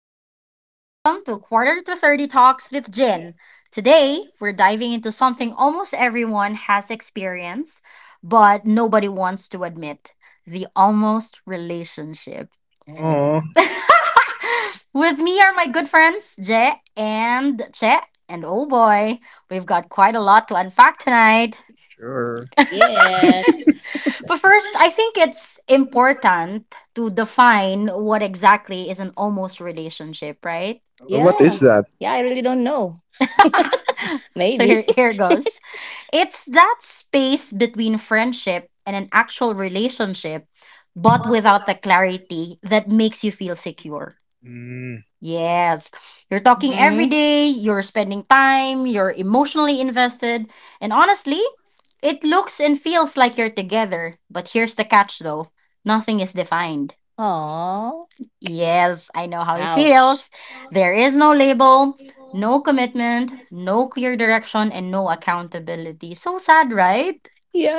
everyone. Welcome to Quarter to 30 Talks with Jin. Today, we're diving into something almost everyone has experienced, but nobody wants to admit the almost relationship. Oh, With me are my good friends, Je and Che. And oh boy, we've got quite a lot to unpack tonight. sure. But first, I think it's important to define what exactly is an almost relationship, right? What Yeah. is that? Yeah, I really don't know. So Maybe. here goes. It's that space between friendship and an actual relationship, but without the clarity that makes you feel secure. Mm, Yes, you're talking every day, Mm. you're spending time, you're emotionally invested, and honestly, it looks and feels like you're together. But here's the catch though, nothing is defined. Oh. Yeah. Yes, I know how it Ouch. feels. There is no label, no commitment, no clear direction, and no accountability. So sad, right?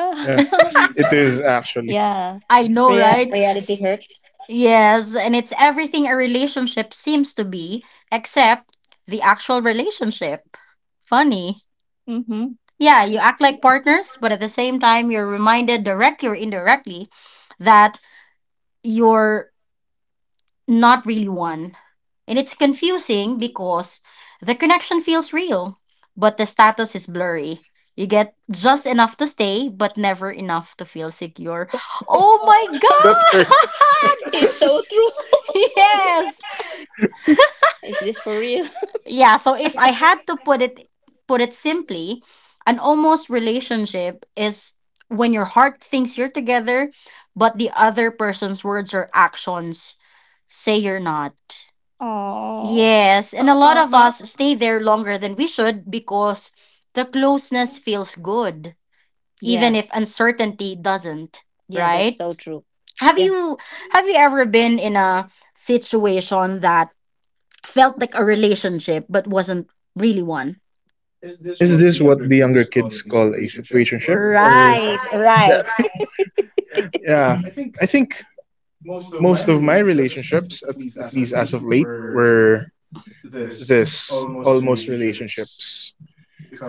yeah, it is actually. yeah. I know, Rea- right? reality hurt. Yes, and it's everything a relationship seems to be, except the actual relationship. Funny. Mm-hmm. Yeah, you act like partners, but at the same time, you're reminded directly or indirectly that you're not really one. And it's confusing because the connection feels real, but the status is blurry. You get just enough to stay, but never enough to feel secure. Oh Oh my God. That hurts. god! It's so true. Yes. Yes. Is this for real? Yeah, so if I had to put it simply, an almost relationship is when your heart thinks you're together, but the other person's words or actions say you're not. Yes, Oh. and a lot of us stay there longer than we should because the closeness feels good, yeah. even if uncertainty doesn't, Yeah, that's right? so true. Have Yeah. you have you ever been in a situation that felt like a relationship but wasn't really one? Is this what the younger kids call a situationship or Right, something like right. that? you Yeah, I think most of my relationships, at least as of late, were this almost relationships.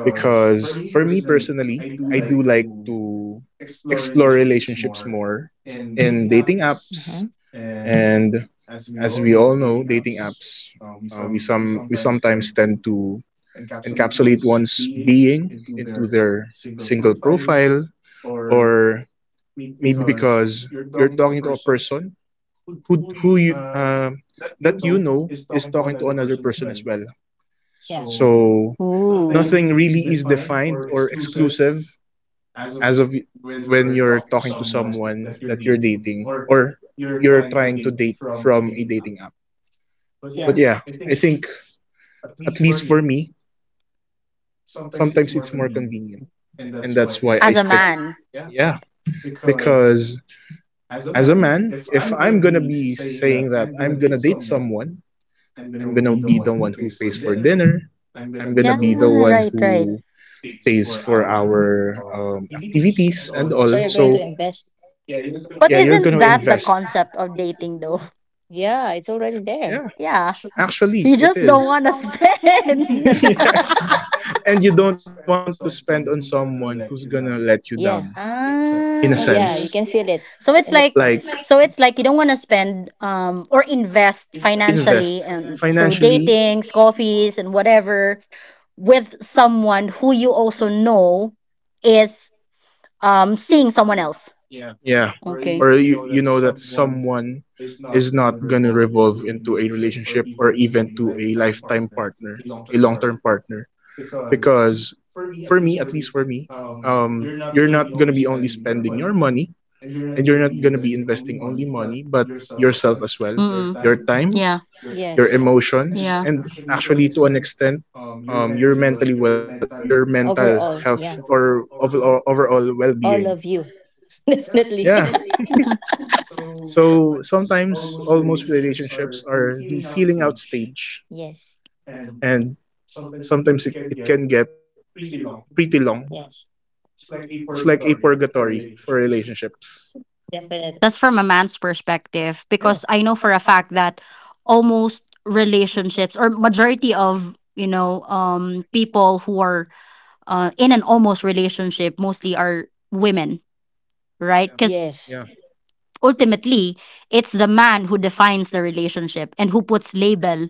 Because for me personally, I do like to explore relationships more And in dating Mm-hmm. apps. And as we all know, dating apps, we sometimes tend to encapsulate one's being into their single profile, or maybe because you're talking to a person who you that you know is talking to another person as well. Yeah. So Ooh. nothing really is defined or exclusive as of when you're talking to someone that you're dating or you're trying to date from a dating app. But yeah, I think at least for me, sometimes it's more convenient. And that's why I As a stick. man. Yeah. Because as a man, if I'm going to be saying that I'm going to date someone, I'm going to be the one who pays for dinner. I'm going to Yeah, be the one right, right. who pays for our activities and So all. you're going So, to invest. yeah, you're But going to isn't invest. that the concept of dating though? Yeah, it's already there. Yeah, Yeah. actually, You it just don't is. want to spend. Yes, and you don't want to spend on someone who's gonna let you down Yeah, in a Ah, sense, yeah, you okay. can feel it So it's in the like like, press. so it's like you don't want to spend or invest invest financially and through financially. datings, coffees and whatever with someone who you also know is seeing someone else. Yeah, Okay. or you know that someone is not gonna revolve into a relationship or even to a lifetime partner, a long-term partner, because for me, you're not gonna be only spending your money, and you're not gonna be investing only money, but yourself as well, Mm. your time, Yeah. your Yes, emotions, Yeah. and actually, to an extent, your mental health overall, yeah, or overall well being. all of you, definitely. Yeah. So sometimes almost relationships are the feeling out stage, yes, and sometimes it can get pretty long. yes, It's like a purgatory for relationships. definitely. That's from a man's perspective Yeah, because I know for a fact that almost relationships or majority of people who are in an almost relationship mostly are women, right? Because yeah, Yes, ultimately it's the man who defines the relationship and who puts label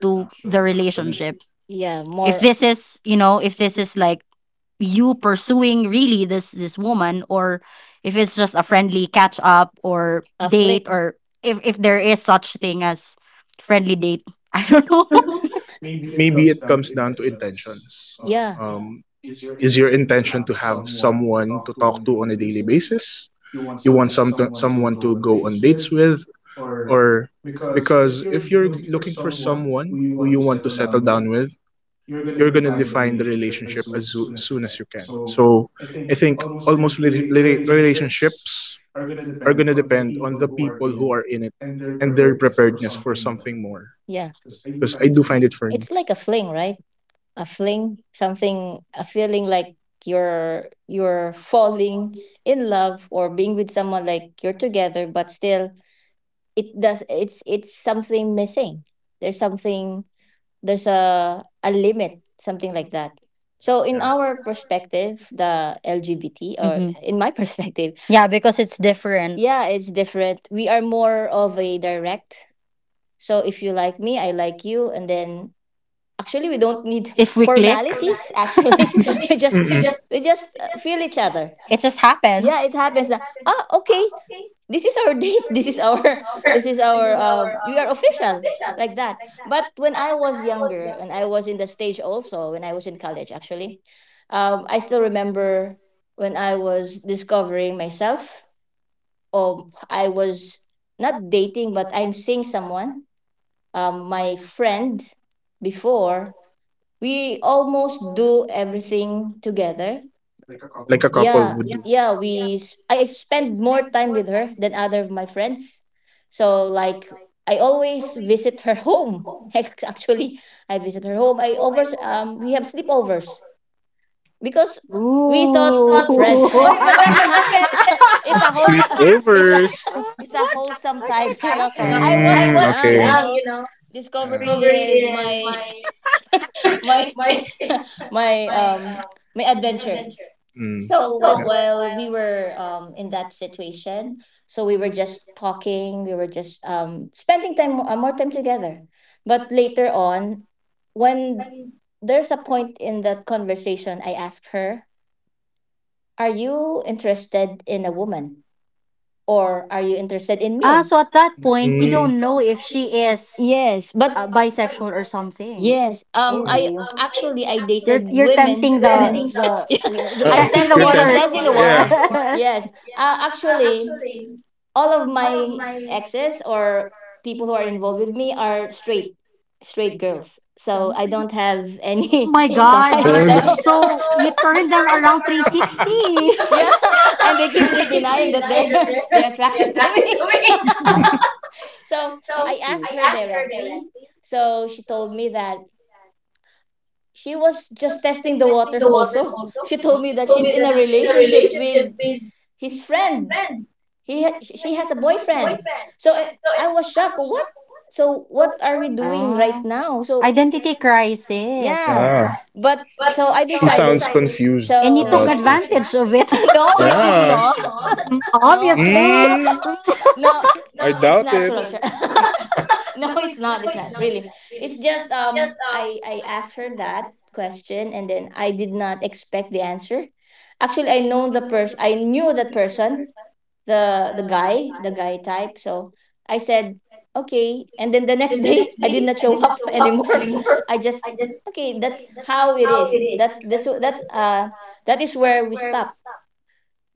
to the actually. relationship yeah, if more this is if this is like you pursuing really this woman, or if it's just a friendly catch up or a date, fling. or if there is such thing as friendly date. I don't know. Maybe it comes down to intentions. Yeah, Um, is your intention to have someone to talk to on a daily basis, you want someone to go on dates with, or because if you're looking for someone who you want to settle down with, you're going to define the relationship as soon as you can. So I think almost relationships are going to depend on the people who are in it and their preparedness for something more, yeah, because I do find it for me. it's like a fling, right? A fling, something, a feeling like you're falling in love or being with someone like you're together, but still it does, it's something missing, there's something, there's a limit, something like that. So in Yeah. our perspective, the lgbt, or Mhm. in my perspective, Yeah, because it's different. yeah, it's different. We are more of a direct. So if you like me, I like you, and then actually we don't need If we click formalities actually. We just, Mm-mm. we just feel each other. it just happened. Yeah, it happens that, ah, okay, this is our date, this is our this is our we are official, like that. But when I was younger and I was in the stage, also when I was in college, actually, I still remember when I was discovering myself, or I was not dating but I'm seeing someone, my friend before, we almost do everything together. Like a couple would Yeah, do. yeah, I spend more time with her than other of my friends. So like I always visit her home. Heck, actually, I visit her home. I overs We have sleepovers because we thought Ooh. friends. what Oh, but nothing happened. it's a whole ti- it's a Sleepovers. it's a wholesome what time, could you know. I happen? was Mm, mm, okay. young, you know. Discovery Yeah. is my my my my adventure. Mm. So while we were in that situation, so we were just talking, we were just spending time, more time together. But later on, when, there's a point in that conversation, I asked her, "Are you interested in a woman, or are you interested in Ah, me?" so at that point, you don't Mm. know If if she she is, is yes, but bisexual bisexual. or something. Yes. Yeah. I Oh, actually I dated you're women. tempting the you're Uh, the- I'm your testing the testing. test. I'm waters. testing the Yeah. waters. Yes. Actually, all of my exes or people who are involved with me are straight, straight girls. Yes. So I don't have Oh any my God. bi. So Oh. So you turn them around 360. yeah, and they keep denying that they're they're attracted to me. So I I see. asked her directly. So she told me that she was just testing the waters. Also, she told me that she's in a relationship with his friend. She has a boyfriend. So I was shocked, what, so what are we doing right Oh, now? So, identity identity crisis. crisis. Yeah. Yeah. But so I She decided, sounds confused And you so, took about herself. advantage of it. no, I did Yeah. not. No, Obviously. no. Mm. No, I doubt it's it. natural, sure. No, it's not, it's not really. It's just, I asked her that question and then I did not expect the answer. Actually, I know the person, I knew that person, the guy type. So I said, "Okay." And then the next day, I did not show up anymore. I just, okay, that's how it is. That that is where we stop,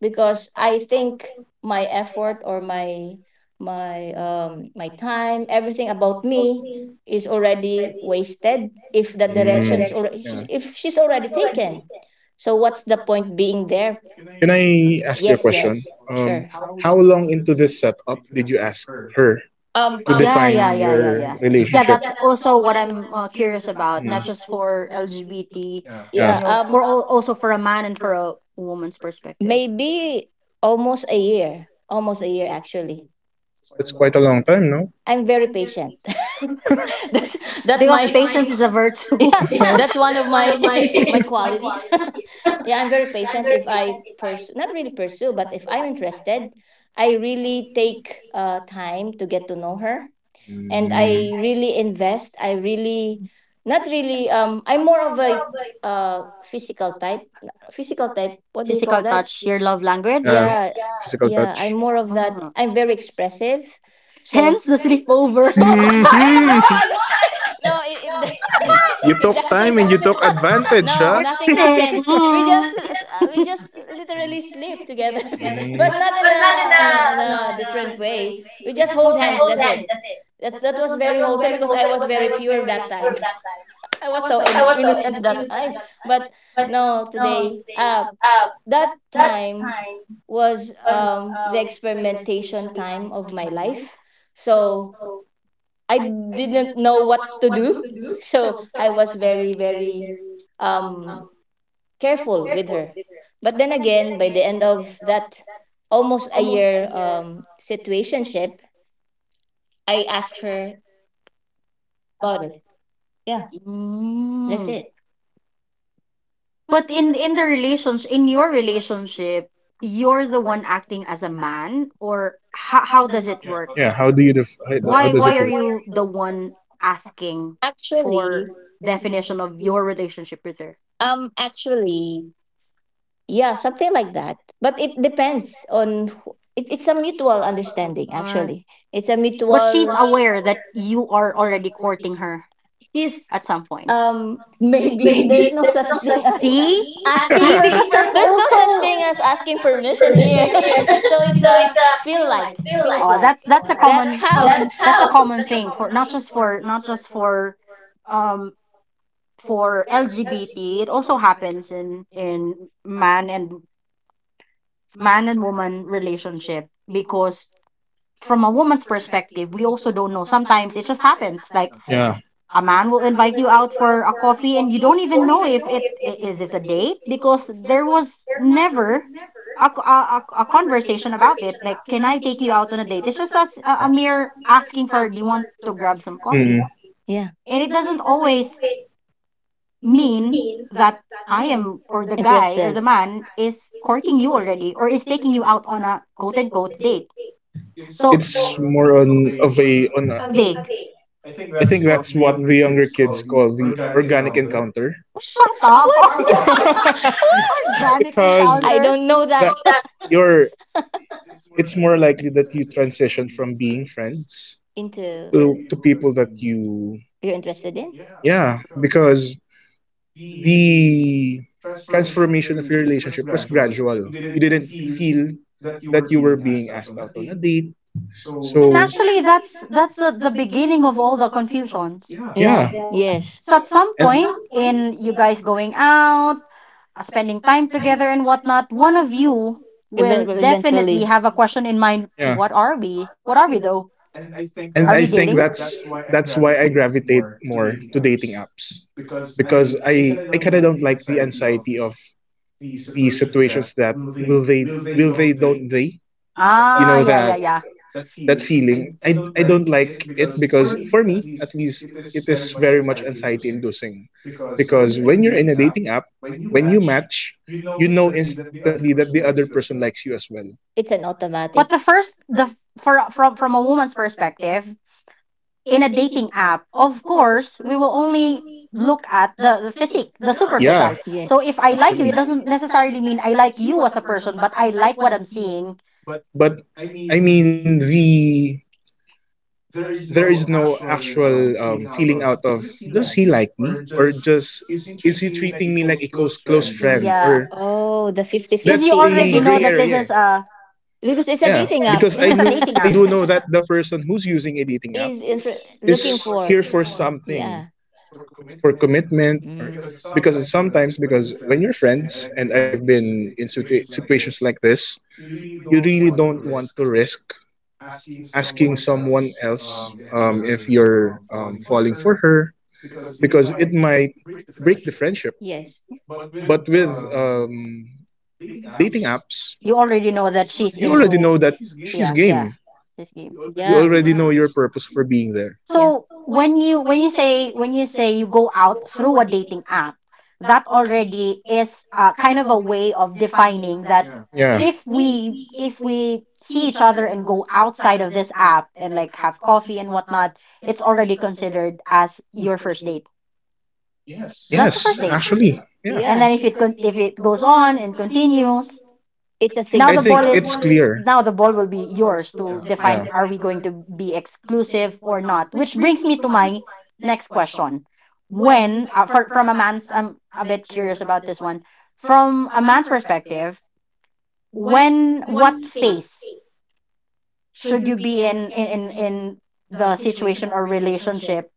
because I think my effort or my my time, everything about me is already wasted if that Mm. direction is already, Yeah. if she's already taken. So what's the point being there? Can I ask you a yes Yes, question? yes, Um, sure. How long into this setup did you ask her to Um, Yeah, yeah, yeah, yeah, yeah. Yeah, relationship? that's also I'm, what I'm curious about, not just for LGBT, yeah, you yeah, know, for all, also for a man and for a woman's perspective. maybe almost a year, almost a year, actually. that's quite a long time, no? I'm very patient. that's that's Because my patience is a virtue. yeah, that's one of my my qualities. Yeah, I'm very patient. If I pursue, not really pursue, but if I'm interested, I really take time to get to know her. And Mm, I I, really invest. I really, not really, I'm more of a physical type. Physical type. What do you call Physical that? touch, your love language. yeah, Yeah. physical Yeah, I'm touch. more of that. Ah. I'm very expressive. So Hence the sleepover. hey, no, I no, it You it took time, doesn't. No, huh? nothing Ironic. happened. We just, Mm. We just literally sleep together, but not in a, no, in a different way. We just hold hands. That's Yeah. it. That, that was very wholesome because I was very pure that time. I was so in, innocent that time. But no, today, that time was the experimentation time of my life. So I didn't know what to do. So I was very um careful with her. But then again, by the end of that almost a year situationship, I asked her about it. Yeah, that's Mm. it. But in the relationship, in your relationship, you're the one acting as a man, or how does it work? Yeah. How do you how how. Why are you the one asking for Actually, definition of your relationship with her? actually, yeah, something like that. But it depends on who, it's a mutual understanding, Uh, actually. It's a but she's mutual aware that you are already courting her he's at some point. Maybe maybe there's there's. no No. such thing as See? asking See, for, because that's there's no such also thing as asking permission person here. here. So it's a, feels Oh, like, that's a that's common how. Thing for not just um for LGBT. It also happens in man and man and woman relationship because from a woman's perspective, we also don't know. Sometimes it just happens. Like Have. a man will invite you out for a coffee and you don't even know if is this a date, because there was never a, co- a conversation about it. Like, can I take you out on a date? It's just as a mere asking for, do you want to grab some coffee? So. Yeah. And it doesn't always mean that I am or the guy or the Interested. man is courting you already or is taking you out on a quote unquote date. So It's more on of a on, a, vague. I think that's what the younger kids call the organic encounter. Shut up. What? What? Organic Because I encounter. don't know that. you're. It's more likely that you transition from being friends Into, to people that you, you're interested in? yeah, because the transformation of your relationship was gradual. You didn't feel that you were being asked out on a date. So Actually, that's the beginning of all the confusions. Yeah. yeah. So Yes. So at and some point in you guys going out, spending time together and whatnot, one of you will definitely we Eventually, have have a a question in mind. question. What Yeah, are we? What are we though? and I Are we think dating? that's why I gravitate more to dating apps, because I kind of don't like the anxiety of the situations that will they don't they you Ah, know, yeah, that yeah, yeah. that feeling, I don't like it, because for me at least it is very much anxiety inducing. Because when you're in a dating app, when you match, you know instantly that the other person likes you as well. it's an the automatic. But the first, the for from a woman's perspective, in a dating app, of course, we will only look at the physique, the Yeah, superficial. So if I like you, actually, it doesn't necessarily mean I like you as a person, but I like what I'm seeing. but I mean, there is no actual feeling out of does he like me, or just is he treating me like a Close close friend. friend, Yeah. or Oh, the Because you that's fifty-fifty. The a already 50 know gray that that is. Area. Because it's a Yeah, dating app. because this I is a know I dating do app. know that the person who's using a dating app is here for something, Yeah. for commitment, or Mm. because sometimes, because when you're friends, and I've been in situations like this, you really don't want to risk asking someone else if you're falling for her, because it might break the friendship. Yes. But with dating apps, You already know that she's you already into. know that she's Yeah, yeah. game. This game. You already know your purpose for being there. So when you say you go out through a dating app, that already is kind of a way of defining that Yeah. If we see each other and go outside of this app and like have coffee and whatnot, it's already considered as your first date. Just the Yes. first date. Actually, And yeah. And yeah. then if Yeah. it goes on and continues, It's a now sig. I the think ball it's is clear. now the ball will be yours to define, Yeah. are we going to be exclusive or not? Which brings me to my next question. When from a man's I'm a bit curious about this one. From a man's perspective, when what phase should you be in in the situation or relationship,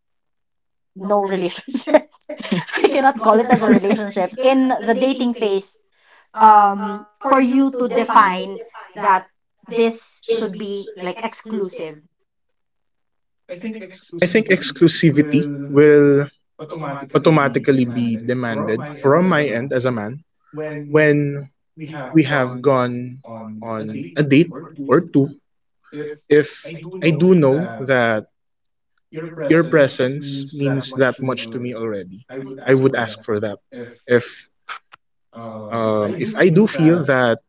no relationship, I cannot call it as a relationship, in the dating phase, for you to define that this should be like exclusive. I think exclusivity will automatically be demanded from my end as a man when we have gone on a date or two. If I do know that your presence means that much to me already, I would ask for that. If if I do feel that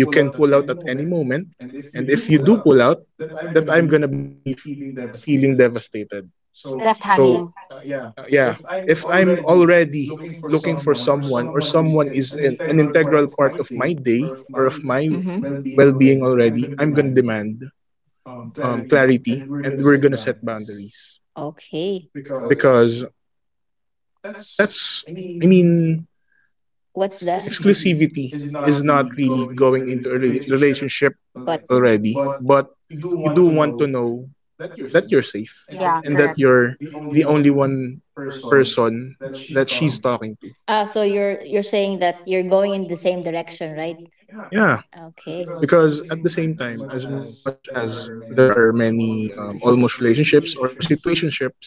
you can pull out at any moment, and if you do pull out, that I'm gonna be feeling devastated. So- left So hanging. Yeah, if I'm already looking for someone, or someone is an integral part of my day or of my Mhm. well-being already, I'm gonna demand clarity, and we're gonna set boundaries, Okay. because that's, I mean, What's that? exclusivity is not really going into a relationship But- already, but you do want to know that you're safe Yeah, and that correct. you're the only one person that she's talking to. Ah, so you're saying that you're going in the same direction, right? Yeah, Okay. because at the same time, as much as there are many almost relationships or situationships,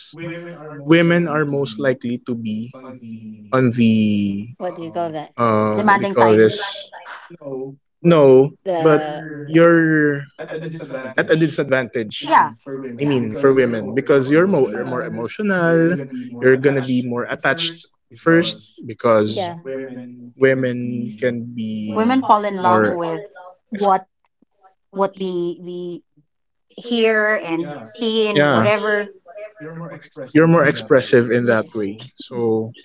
women are most likely to be on the What do you call that? Oh, yeah, what do you demanding call side. this? No, but The you're at a disadvantage. Yeah, I, yeah, mean, for women, because you're more, more emotional, you're gonna be more attached first, because yeah. women can women be fall in love more, with ex- what what we hear and, yeah, see and yeah, whatever. you're more expressive in that Yes. way. So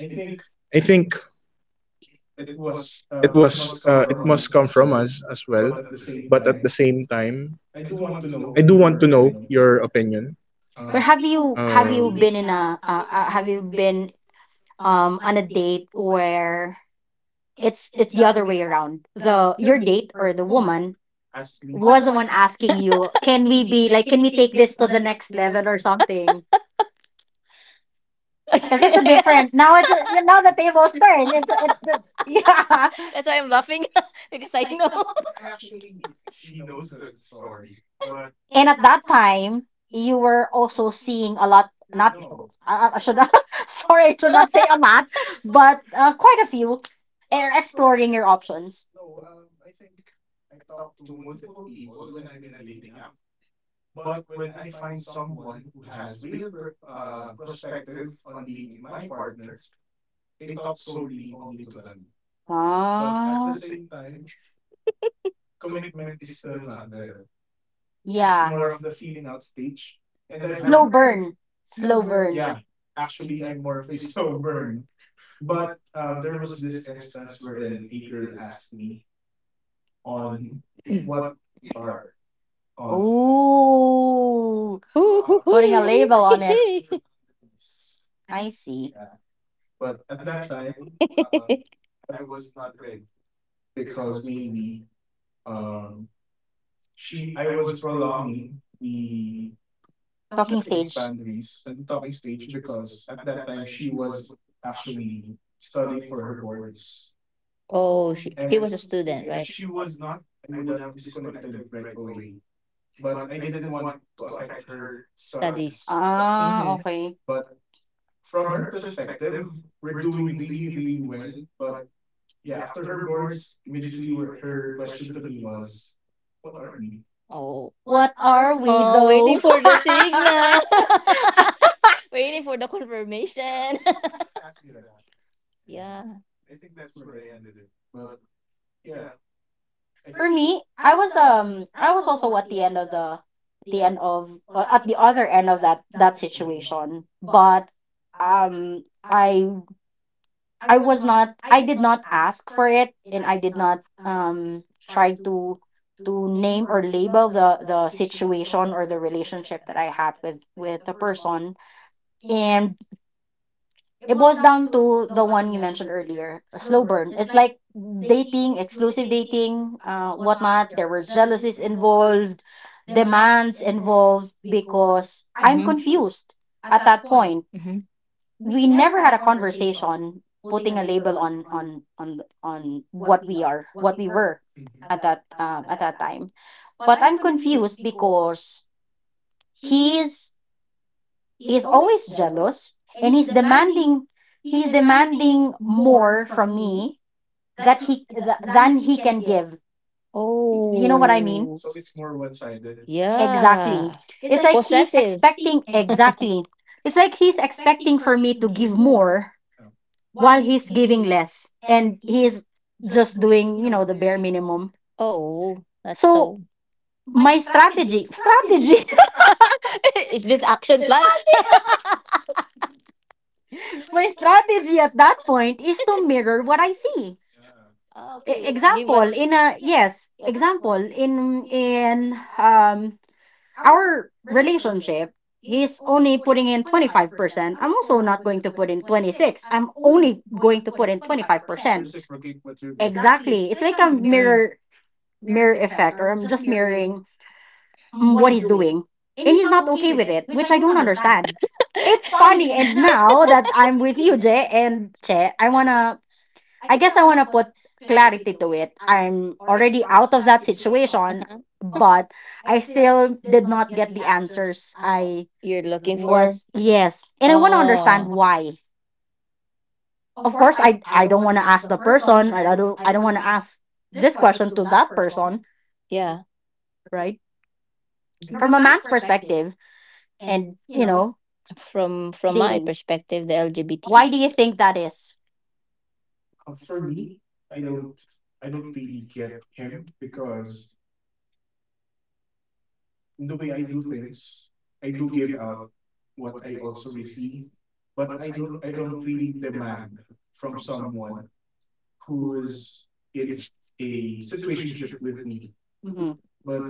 I think it was, it must come from us as well. But at the same time, I do want to know your opinion. But have you Um, been in a have you been on a date where it's the other way around, the your date or the woman Ask was the me. one asking you, can we be like, can we take this to the next level or something? Because it's a There have different been now. It's a, multiple now the times. tables turn. It's the yeah. That's why I'm Yeah, laughing because I know. I actually, she knows the story, but And at that time, you were also seeing a lot. Not. no. I, I should sorry, I should not say a lot, but quite a few. Are um, exploring your options. no. I think I talk to multiple people when I'm in a dating app, but when I find someone who has real perspective on being my partner, I talk solely only to them. But at Ah. the same time, commitment is still not there. It's Yeah. more of the feeling out stage. And I've had, Slow slow burn. burn. Slow Slow burn. burn. Yeah, actually, I'm more of a slow burn. But there was this instance wherein a girl asked me on what we are. On Oh, Ooh, hoo, putting she a hoo. wanted label on to it. set her boundaries. I see. Yeah, but at that time, I was not ready because mainly, um, she I was prolonging the Talking setting of stage. boundaries at the talking stage, because at that time she was actually studying for her boards. Oh, she, he And was a student, if right? she was not, I would have disconnected right away. But I didn't want to affect her studies Studies. at that Ah, time. Mm-hmm. okay. But from her perspective, we're doing really, really well. But yeah, after her boards, immediately her question to me was, what are we? Oh. What are we Oh, waiting though? for the signal. Waiting for the Yeah, confirmation. She asked me that, Yeah. and I think that's where I ended it, but yeah, I For think. me, I was also at the end of at the other end of that Hmm. situation, but um I I was not. I did not ask for it and I did not try to to name or label the situation or the relationship that I had with the person. And it boils down to the one you mentioned earlier, a slow burn. It's like dating, exclusive dating, whatnot. There were jealousies Mm-mm, involved, demands Mhm. mm-mm, involved, because I'm confused at that point. Mm-hmm. We never had a conversation putting a label on what we are, what we were mm-hmm, at that time. But I'm confused because he's he's always jealous and he's demanding, he's demanding more from me that yeah. Than he can give, you know Oh. what I Mm, mean? so it's more one-sided. Exactly, Yeah. it's like he's Possessive. expecting, exactly it's like he's expecting for me to give more Yeah. while he's giving less and Mm-hmm. he's just doing, you know, the bare minimum. Oh, that's So so. my strategy strategy, Is this action plan? my strategy at that point is to mirror what I see. Yeah, Okay, give Example what? What- in a, mhm. yes, example Uh-huh. In our relationship, he's only putting in 25%, I'm also not going to put in 26, I'm only going to put in you 25%. reciprocate what you're getting. Exactly, it's like a Hmm. mirror, mirror effect or I'm just mirroring, mm, what he's doing, and he's not okay with it, which I don't understand. It's funny, and now that I'm with you, Jay and Che, I want to, I guess I want to put clarity to it. I'm already out of that Mm-hmm. situation, but I still did not get the answers I You're looking Mm, for. was. mm-hmm. Yes. And I want to understand Oh, why. Of course, I don't want to ask the person. Yeah. I don't want to ask this question to that person, yeah. right? I From think From a man's perspective and, you know, from my dating. perspective, the Why do LGBT. you think that is? for me, I don't I don't really get him because in the way I do things, I do give out what I also receive, but I don't really demand from someone who is in a situationship with me. Mm. But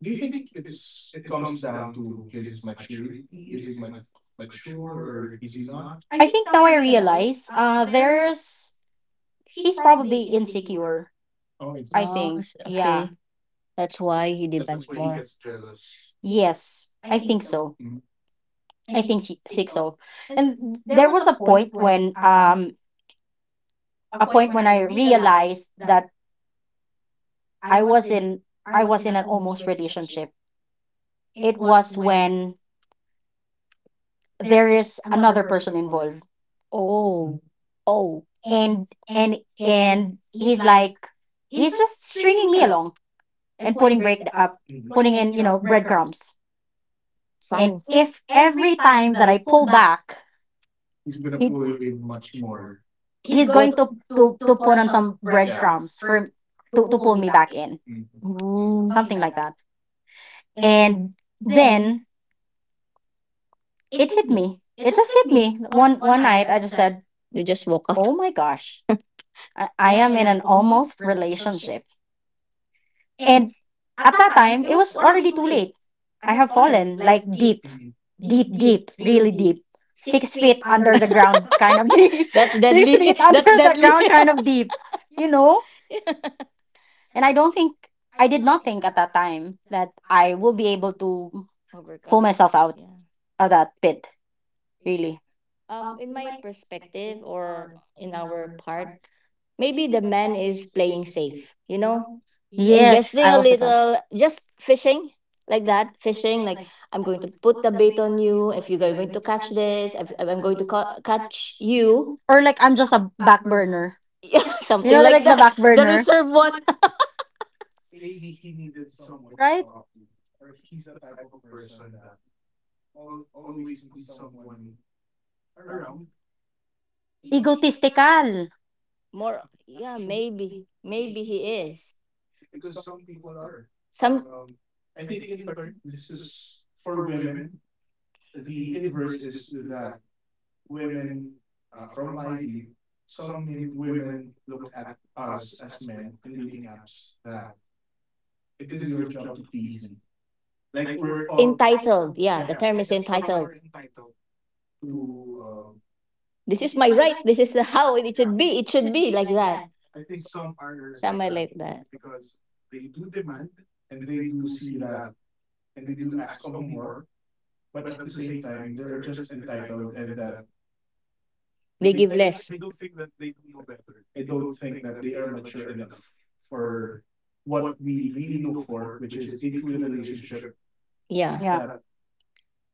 do you think it's it comes down to his maturity? Is he mature or is he not? I think now I realize there's he's probably insecure, Oh, Oh, it's, I ah, insecure. think. s- Yeah. okay. That's why he, that's That's demands why why he- he gets more. jealous. Yes, I think so. Mm. I think she- six. So. And there was a point when I realized that I was in I was in an almost relationship. It was when there is another person involved. Oh, Mm. oh, And and and he's like he's just stringing me along and putting break up Mm-mm. putting in, breadcrumbs. And science. if every time that I pull back He's gonna He pull you in much more. he's going What? to put on some Yeah. breadcrumbs for to pull me back in, Mm-hmm. Oh, something like that. And then it hit me. It just hit me one night. I just said, you just woke up. "Oh my gosh, I am in an almost relationship." And at that time, it was already too late. I have fallen like deep, Mm-hmm. deep, deep, really deep, 6 feet under the ground, kind of deep, That's six deadly. feet under That's the deadly. ground, kind of deep. You know, and I don't think I did not think at that time that I will be able to pull Overcome. myself out Yeah. of that pit, really. In my perspective or in our part, maybe the man is playing safe. You know, Yes, I investing a also Yeah. little, just fishing like that. Fishing like, I'm going to put the bait on you. If you're going to catch this, if I'm going to catch you. or like I'm just a back burner. Yeah, You something know, like like the that. back Actually, The burner. reserve one. maybe he needed someone to Right? talk to, or he's the type of person that always needs someone around, maybe. Egotistical. More, Yeah, yeah, actually, maybe, maybe he maybe, is. because some people are Some um I think in turn this is for women, the inverse is that women, from my view, some women look at us as men in dating apps that it is your job to please me, like we're all, entitled. Yeah, the yeah, they term is are, some are entitled. entitled to um This is my right. This is how it yeah. should be. It should be like that. I think some are like Somewhere that like that. because they do demand and they do see that and they do ask of more, but at the same time they are just entitled, and that They they, give I less. don't think that they do know better. I don't think that they are mature enough for what we really look for, which is a true relationship Yeah. Yeah. that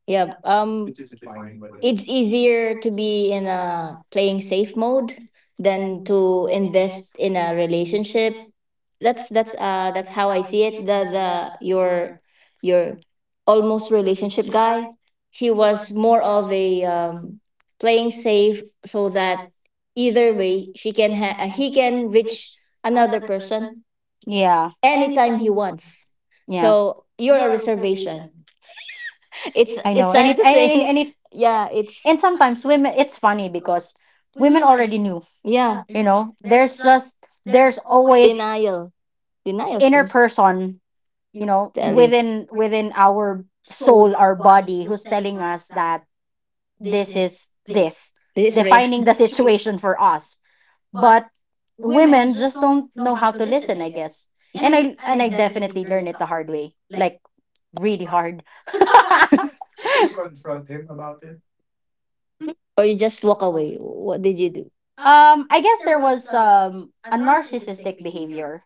Yeah. Is defined well. It's easier to be in a playing safe mode than to invest in a relationship. That's, that's how I see it. The your almost relationship guy, he was more of a playing safe, so that either way she can he can reach another person Yeah. anytime he wants. Mhm. Yeah. So you're a reservation. It's I it's know. And sad it to say. and it Yeah, it's and sometimes women it's funny because women already knew. yeah. You Yeah. know, there's just there's always Denial. Denial is inner always person, you know, telling. within our soul, our body, who's telling us that this is this This is real. defining the situation for Mhm. us, but women just don't know how to listen, I guess. And I definitely learned it the hard way, like really hard. Did you confront him about it? Or you just walk away? What did you do? I guess there was a narcissistic behavior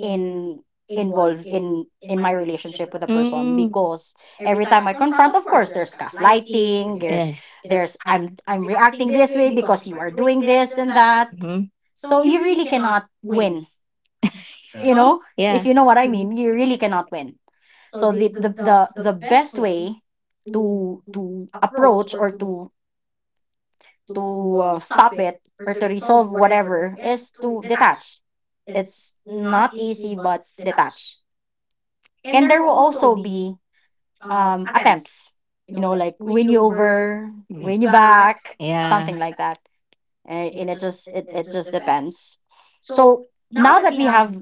Mm. in involved in my relationship with a person Mm. because every time I confront, of course, there's gaslighting, Mm-hmm. Yes. there's I'm reacting this way because you are Mm-hmm. doing this and that. Mhm. So you really cannot win, you Yeah. know? If Yeah. you know what I mean, you really cannot win. So the best way to approach or to stop it or to resolve whatever is to detach. It's not easy, but detach. And there will also be attempts, you know, like win you over, Mm. win you Yeah. back, something That. like that. And it just it just depends. So now that we have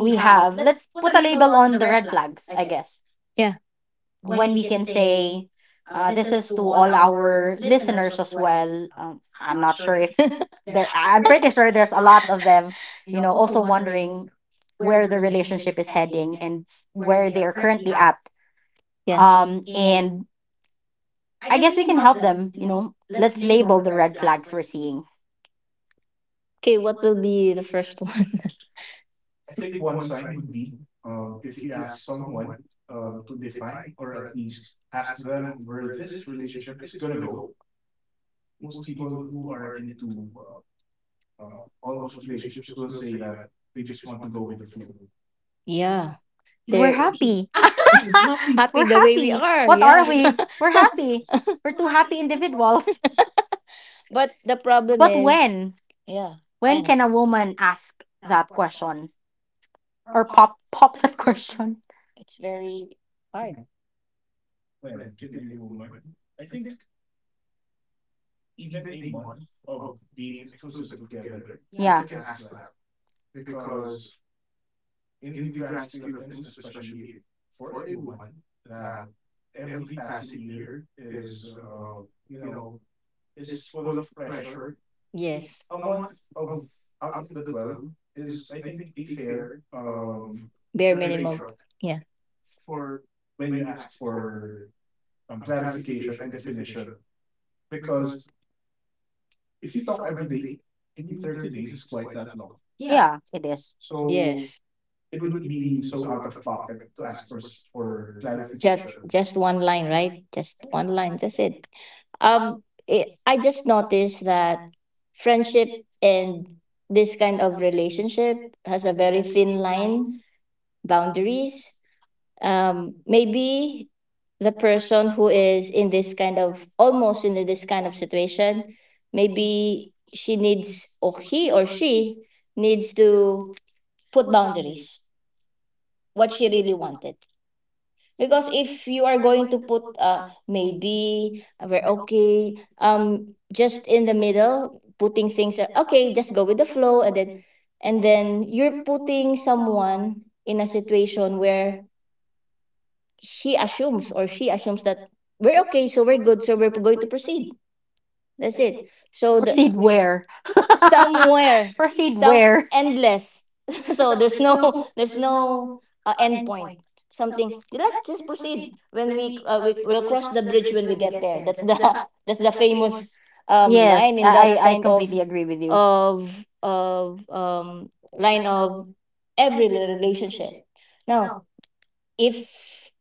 we have, let's put a label on the red flags, I guess, Yeah. when we can say this is to all our listeners as well. I'm not sure if there I'm pretty sure there's a lot of them, you know, also wondering where the relationship is heading and where they are currently at. Yeah. And I guess we can help them, you know. Let's label Yeah. the red flags we're seeing. Okay. Okay, what will be the first one? I think one sign would be, if you ask someone, to define or at least ask them where this relationship is going to go. Most people who are into almost relationships will say that they just want to go with the flow. Yeah. You We're There know, happy. yeah, we're happy. happy. Happy We're the way we happy. are, We What don't yeah. are even we? need We're happy. labels, We're two right? happy individuals. But the problem But is, when? yeah, When when, can a woman ask that question? Or pop that question? it's very Hmm. hard. When can a woman? I think even a month of being exclusive together, you Yeah. can ask that because, in the grand scale of things, especially for a woman, that every passing year is, is full of pressure. Yes. A month of out of the 12 is, I think, a fair Bare minimum. duration Yeah. for when you ask for clarification and definition. Because if you talk every day, I mean, 30 days is quite that long. Yeah, it is. So So yes. it wouldn't be so out of pocket to ask for for just clarification. just one line, right, just one Yeah, line, that's it. It, I just noticed that friendship and this kind of relationship has a very thin line, boundaries. Maybe the person who is in this kind of almost, in this kind of situation, maybe she needs, or he or she needs to put boundaries, what she really wanted. Because if you are going to put maybe, we're okay, just in the middle, putting things, okay, just go with the flow, and then, and then you're putting someone in a situation where he assumes or she assumes that we're okay, so we're good, so we're going to proceed. That's it. So the Proceed where? yeah. somewhere, Somewhere. Proceed some where? endless so there's no, there's no end point, something. Let's just proceed when we will cross the bridge when we get there. That's the that's the famous Yes, line in that I kind of completely agree with you. Yeah. of line of every relationship now. if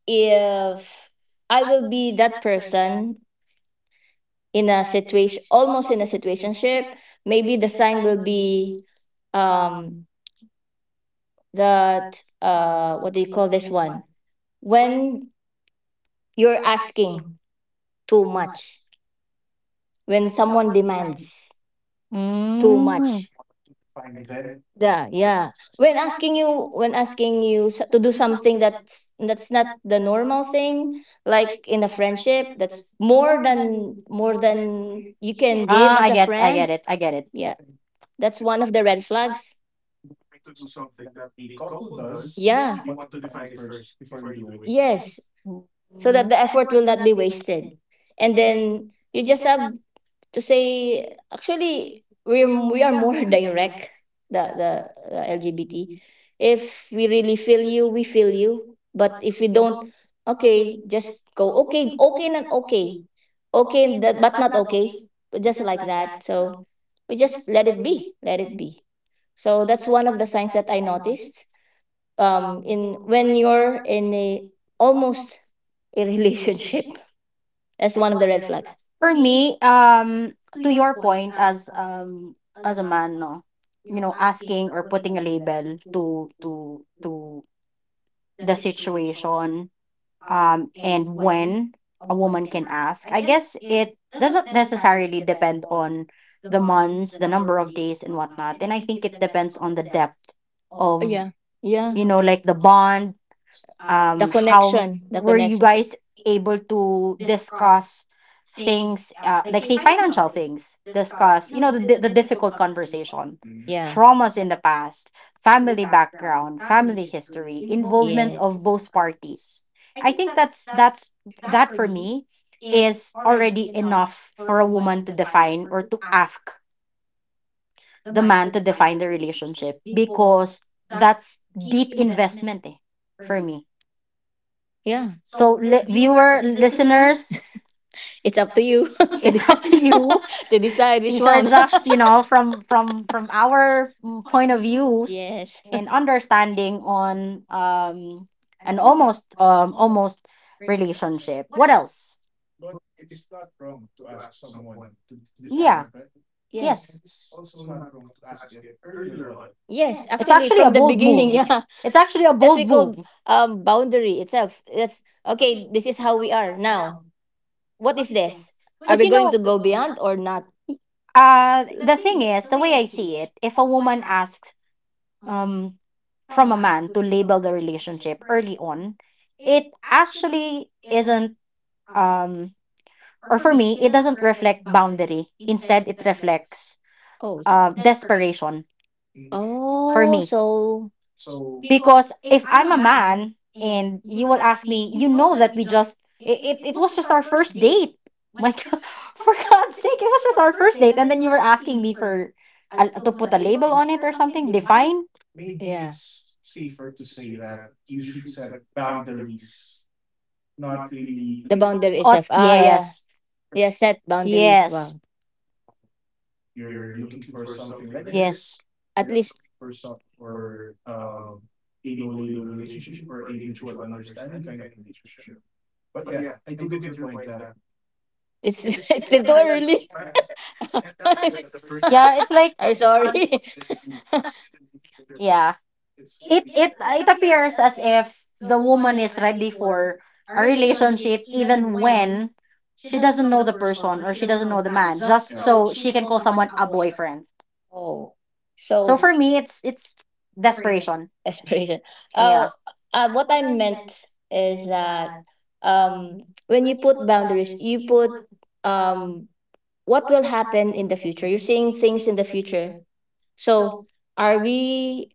if I will be that person in a situation, almost in a situationship, maybe the sign will be um that what do you call this one, when you're asking too much, when someone demands too Mm. much. You want to define then yeah when yeah someone's when asking of you. Asking you to do something that's not the normal thing, like in a friendship, that's more than you Mm, can give Ah, as a friend. I yeah, get it. Yeah, I think that's one of if the red you're flags. going to do something that A a couple couple does, does, yeah. You you want to want to define it define it first first before you before you do it, do it. yes. Mm. So that the effort will not be wasted, and then you just have to say actually we are more direct. The LGBT, if we really feel you, we feel you, but if Yeah. we don't, okay, just go. Okay, okay, not okay. Okay, and that, but not okay, but just like that. So we just let it be, let it be. So that's one of the signs that I noticed in when you're in a almost a relationship. That's one of the red flags. For me, to your point, as a man, no, you know, asking or putting a label to the situation, and when a woman can ask, I guess it doesn't necessarily depend on the months, the number of days, and whatnot. And I think it depends on the depth of, Yeah. Mm, Yeah. You you know, know, like like the the bond, bond, the how- how connection. The were you connection. guys able to discuss things, like say financial things, discuss, you know, the, the difficult conversation, Mhm. Yeah. mm. traumas in the past, Family. Family family background, background, family family history, history, involvement. involvement of Yes. both parties. I think that for me is already enough for a woman to define or to ask the man to define the relationship, because that's deep investment, eh, for me. Yeah. So, viewer, listeners, It's up to you to it's up to decide you. to decide which These are Yeah. one. just, you know, from our, Point point of of view. views Yes. and understanding on an almost, almost relationship. What else? But it's not wrong to ask someone to define Yeah. it, right? And Yes. Yes. it's also not wrong to ask it earlier on. Yes, It's actually actually a from the bold beginning, move. yeah. Yeah. It's actually a That's we bold move. call boundary itself. That's okay, this is how we are now. What is this? Are But we you going to know, go beyond or not? The thing is, the way I see it, if a woman asks um from a man to label the relationship early on, it actually isn't um or for me, it doesn't reflect boundary. Instead, it reflects Oh, is that the- desperation Mm. Mm. for Oh, me. so So Because if I'm a man and you will ask me, you know that we just it was just our first date. My God, for God's sake, it was just our first date, and then you were asking me for to put a label on may, it or something, may, define. maybe, maybe yeah, it's it's safer safer to to say say that that you should set boundaries, not not really really the boundary labeling Or the itself. Ah, relationship yeah, yes, yeah, earlier set on. boundaries. yes. Wow, Uh, that you're looking for something like Yes. this. at yeah, You're least not looking for a no label relationship or a mutual understanding kind of relationship. But yeah, I do get your point that it's if it's if still too I was the early. man and after I the first Yeah, second it's date like and I'm someone sorry. wanted to have the relationship, yeah. it's It gonna be it it scary. appears as if the woman is ready for a relationship even when she doesn't know the person or she doesn't know the man, just Yeah. so she can call someone a boyfriend. Oh, So so for me it's desperation. aspiration. Oh, Yeah. What I meant is that when you put boundaries, you put um, what will happen in the future. You're seeing things in the future. So, are we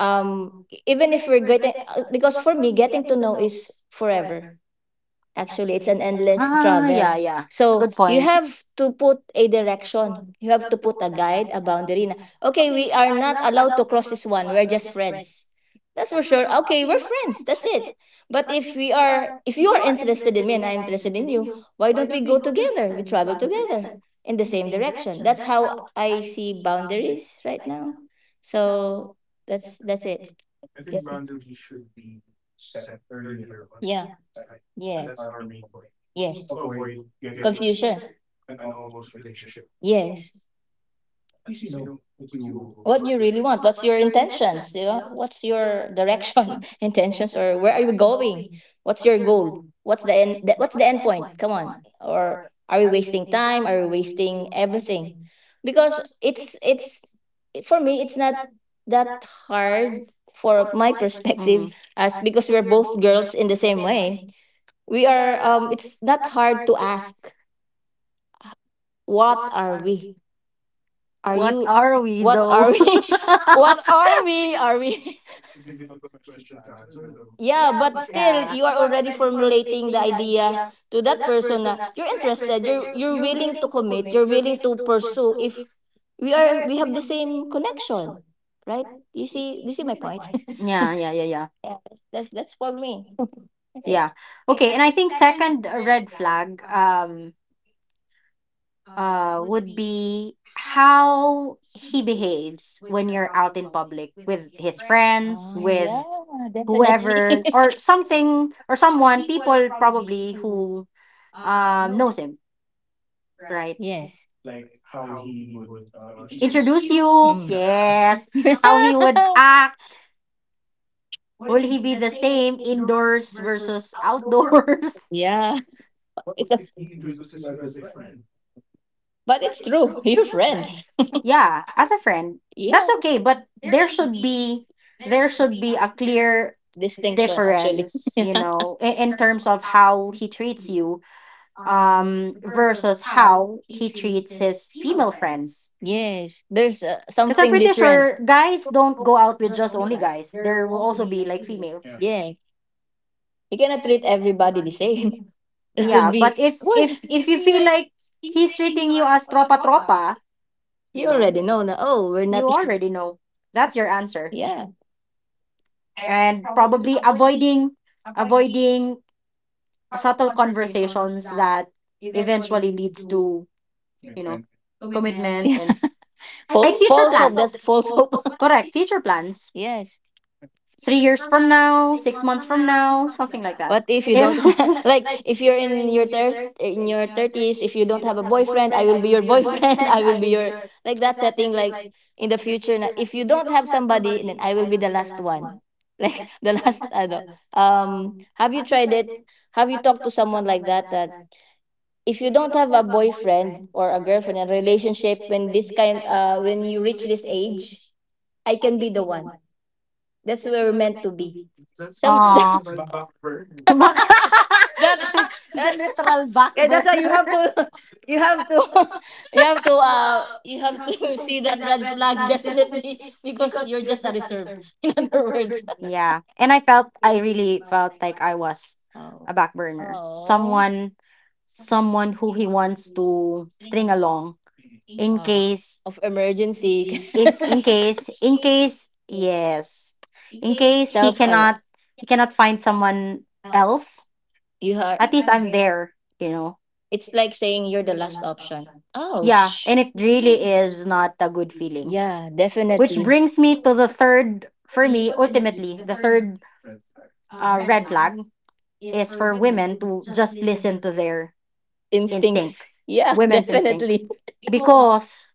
e- even if we're getting because for me, getting to know is forever. Actually, it's an endless Ah, yeah, travel. yeah. So Good Mm. you point. have to put a direction. You have to put a guide, a boundary. Na, okay, we are not allowed to cross this one. We're just friends. That's for sure. Okay, we're friends. That's it. But if we are, if you are interested in me and I'm interested in you, why don't we go together? We travel together in the same direction. That's how I see boundaries right now. So that's it. I think Yes. boundaries should be set earlier on, Yeah. right? Yeah. That's our main point Yes. to avoid getting Confusion. into an almost relationship. Yes, At least you know what what you you're really signing want, up what's for. your intentions, you know, what's your direction, intentions, or where are you going, what's your goal, what's the end, what's the end point, come on, or are we wasting time, are we wasting everything? Because it's for me it's not that hard for my perspective Mm. as because we're both girls in the same way. We are it's not hard to ask, what are we? Are What you— are we what are though? we? What That's are we? Are it's, we? it's a difficult question to answer though. Yeah. Yeah, Yeah. but still Yeah, you are already formulating the idea to that person, na, you're interested, you're willing to commit, you're willing to pursue if we have the same connection, right? You see my point. yeah, yeah, yeah. Yeah, that's for me. That's it. Yeah. Okay. And I think second, red flag, would be how he behaves when you're out in public with his Hmm. friends, Ah, with yeah, definitely. whoever or something or someone, people probably who knows him, right? Yes. Like how he would introduce Introduce You. you. you. Mm. Yeah. Yes. How he Yeah. would act. Will he be the same indoors versus outdoors? what Yeah, yeah. What it's a, if he introduces you as a friend, right? but it's true. That's You're friends. Yeah, as a friend, that's Yeah. okay, but there should be a clear Distinction actually. yeah. difference, Yeah. you know, in terms of how he treats you versus how he treats his female friends, Yes, Mm, there's because I'm something pretty different. sure guys don't go out with just only guys, there will also be like female. Yeah. yeah. Yeah, you cannot treat everybody the same. That would Yeah, be— but if Yeah. well, if if you feel like he's treating you as tropa, you you know, already know now. Oh, we're Yeah. not. you already know that's your answer. Yeah. And probably avoiding avoiding subtle conversations that eventually leads to, you know, Commitment. Commitment. commitment Yeah. and Fal- like future false plans, hope. That's false hope. correct, future plans, Yes. Yeah. 3 years from now, 6 months from now, something like that. What if you don't If like like if you're if you're in your in your. thir- in your 30s, if you don't have a boyfriend, I will be your boyfriend, I will be your— like that setting, like in the future na, if you don't have somebody, then I will be the last one, like the last ano. Um, have you tried it, have you talked to someone like that, that if you don't have a boyfriend or a girlfriend, a relationship when this kind when you reach this age, I can be the one, that's where we're meant to be. That's Aw. Some. the Ah, literal back burner though. That's, the that's. literal back Yeah, Your that's why you literal burner. have to That's the you literal have backup to. plan. You have to you You have have to to see see that that red red flag, flag definitely, definitely because because you're you're just just a a reserve, reserve. in other words. Afterwards. Yeah, and I felt, I really felt like I was Oh. a back burner, Oh, someone, someone who he wants to string along hmm. in uh, case. of emergency. See. Maybe If just in to make case, in himself feel case, good. yes, in case he Self, cannot, he cannot find someone else, Yeah. you are. at least I'm there, you know. It's like saying you're the last option. Yeah, Ouch. and it really is not a good feeling, Yeah. Yeah, which definitely. brings me to the third, for me, ultimately the third, Red flag. Red flag, is for women to just listen to their Instincts, instincts, yeah. women's instinct, Definitely. because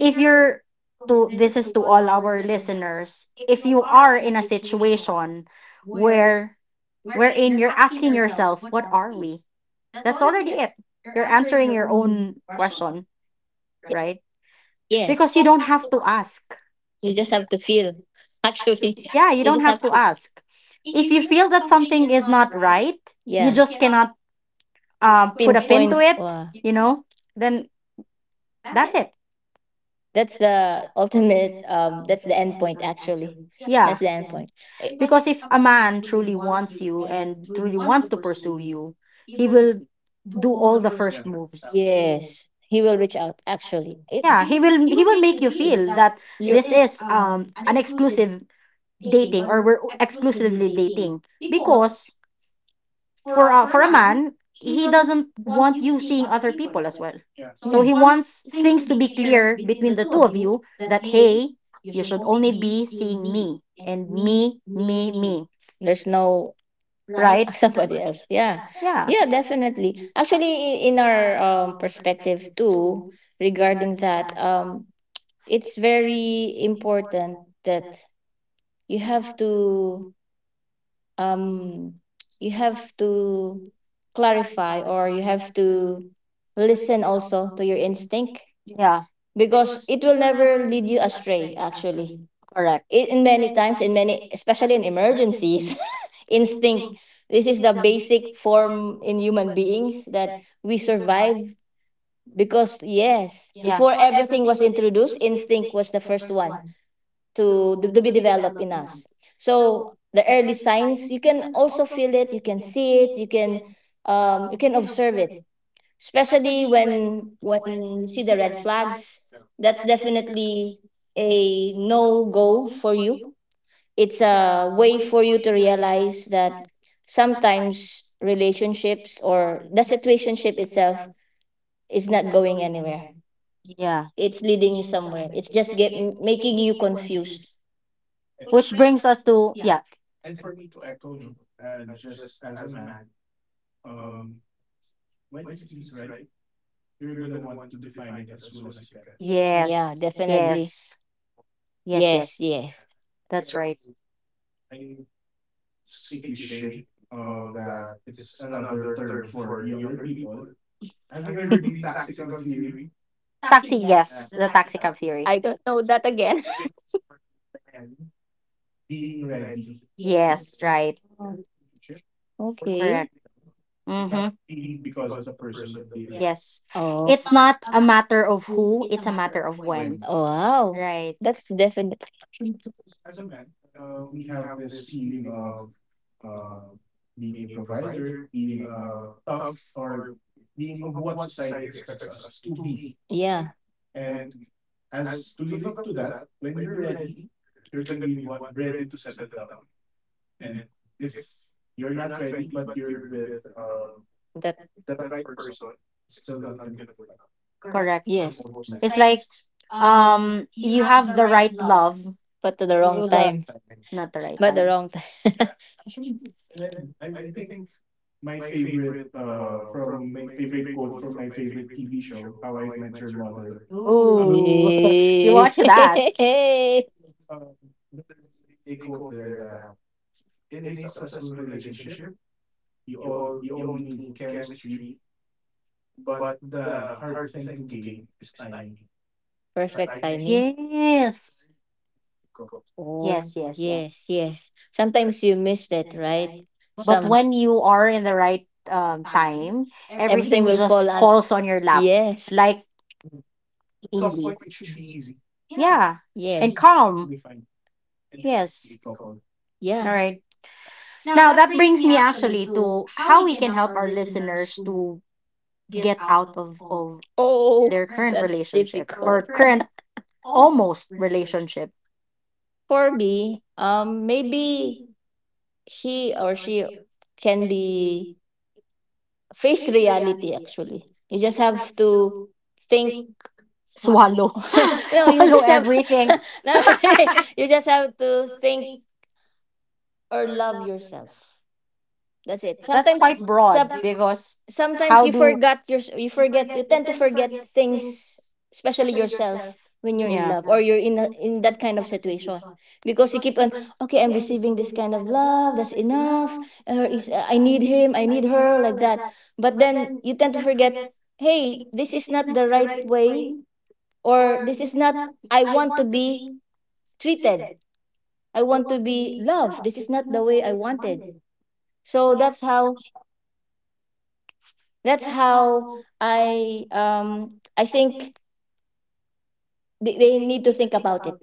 if you're, to, this is to all our listeners, if you are in a situation where, wherein you're asking yourself what are we, that's already it, you're answering your own question, right? Yes. Because you don't have to ask. You just have to Yeah. feel. Actually, Yeah, you you don't just have have to to. ask. If you feel that something is not right, you Yeah. just cannot put a pin Pinpoint. to it, Wow. you know, then that's it. That's the ultimate. That's the end point. Actually, Yeah. that's the end point. Eh, Because if a man truly wants you and truly wants to pursue you, he will do all the first Yeah. moves. Actually. yes, he will reach out. Actually, it, Yeah, you— he will make you feel that this is an exclusive dating or we're exclusively dating, because for a man, he doesn't want you seeing other people as well. Yeah. So he wants things to be clear between the two of you Yeah. that hey, you should only be seeing me and me, me, me, There's no right? somebody else. Yeah. Yeah. Yeah, definitely. Actually, I- in our perspective too, regarding that, it's very important that you have to um, you have to clarify or you have to listen also to your Mm-hmm. instinct, Yeah. Mm-hmm. because it will never lead you astray, actually, Correct. in many times, in many, especially in emergencies. Instinct. This is the basic form in human beings that we survive, True because instincts. yes, yeah, Yeah. before everything was introduced, instinct was the first one to be developed in us. So the early signs, you can also feel it, you can see it, you can observe it, especially when you see the red flags. yeah That's definitely a no go for you. It's a way for you to realize that sometimes relationships or the situationship itself is not going anywhere. Yeah. It's leading you somewhere. It's just get m- making you confused. and It for Which brings brings us to yeah. and for me to echo no, just as a man, um when it feels right, you're gonna want to define it as soon as you can Yes. Yeah, Yes. if you definitely. really Yes. really want it. Yes. Yes, Yes. Yeah, yes. That's right. because I it's a cliche, that it's another term for younger people. Have you heard the taxicab theory? Taxi. Yeah. Yes. The taxi uh, cab theory. I don't know that it's again. based on men being ready Yes. for Right. their relationship, for Okay. Correct. settling down, and not Mm-hmm. really because of the person that they are Yes. with. Oh. It's It's not not a a matter matter of of who, who. it's a It's a matter matter of of when. when. When. When, Oh, wow. Right. That's because yeah, definite. actually because as a man, we have this feeling of um, being a provider, being tough, or being of what society expects us to be. Yeah. And as to live up to that, when you're ready, you're gonna be ready to settle down. And if you're not ready, but you're with um, That, the right person, it's still not gonna work out Correct. for yes. most men, It's at like least, you have the right love. But at the but It not wrong was the a right time. time. not the right But the time. wrong time. Yeah, actually, and I think my favorite from my favorite quote from my favorite TV show, How I Met Your Mother. Um, Oh, you Yeah. watch that? yeah, because there is a quote there that in a successful relationship, you only need chemistry, but the hard thing to gain is timing. His Perfect timing timing. is very, Yes, very difficult to Oh, yes, handle. yes, yes, yes. yes. It's very Sometimes much. you miss that, right? Well, But Yeah. some when you are in the right time, everything will just fall on. falls Yeah. on your lap, Yes. like Mm. At some easy. point, it should be easy. Yeah. It should And be Yes. easy to calm. define and to be a Yes. couple. All Yeah. right. Now that brings me actually to how we can help our listeners to get out of Oh, Mm. their current that's relationship difficult. or current almost relationship. For me, um, maybe he or she can be face reality actually. You just have to think. Swallow. No, you Swallow just have. everything. No, really. You just have to think or love yourself. That's it. That's Sometimes quite broad sub, because sometimes how you do. forgot your you forget, you tend to forget things, especially yourself when you're in Yeah, love or you're in a, in that kind of situation, because you keep on okay, I'm receiving this kind of love, that's enough, or is I need him, I need her, like that, but then you tend to forget, hey, this is not the right way, or this is not— I want to be treated, I want to be loved, this is not the way I wanted. So that's how, that's how I I think they need to think about it,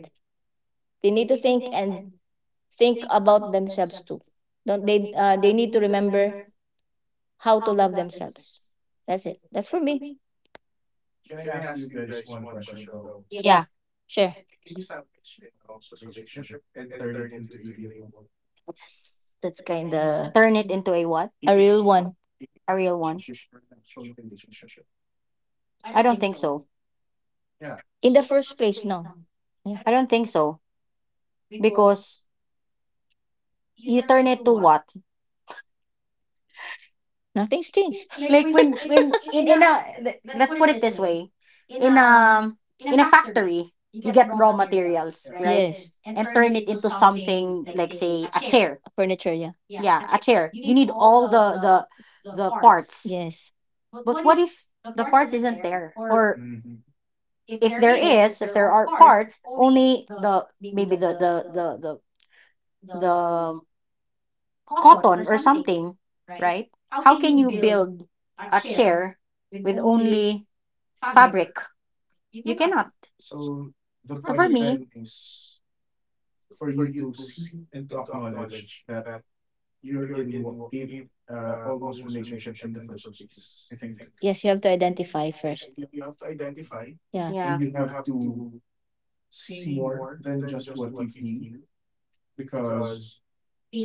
they need to think and think about themselves too, don't they need to remember how to love themselves. That's it, that's for me. Can I ask you guys one question though? Yeah, yeah. yeah, Sure. Can you salvage an almost relationship and turn it into a real one? That's that's kind of— turn it into a what, A a real real one, one, a real a real one? relationship or an actual relationship? I don't think so. Yeah. in the So, first place no. Yeah. I don't think so, because you turn it to what, Nothing's changed. like when in a, let's put it this way, in a, in a factory, You you get get raw raw materials, materials, yeah. right? right, Yes. and turn it into something, like say a chair. Furniture, yeah. Yeah, a chair, you need all the the parts. Yes. But what if the parts isn't there, or Hmm. if there is, if there are parts, only the, maybe the cotton or something, right? How can you build a chair with only fabric? You cannot. So the The for So point for point me- me, then then is is. for you to see and to acknowledge that you're in wa- a almost relationship in the first place. I think Yes, you have to identify first. you have to identify Yeah. and yeah, you have to see more than just what you feel because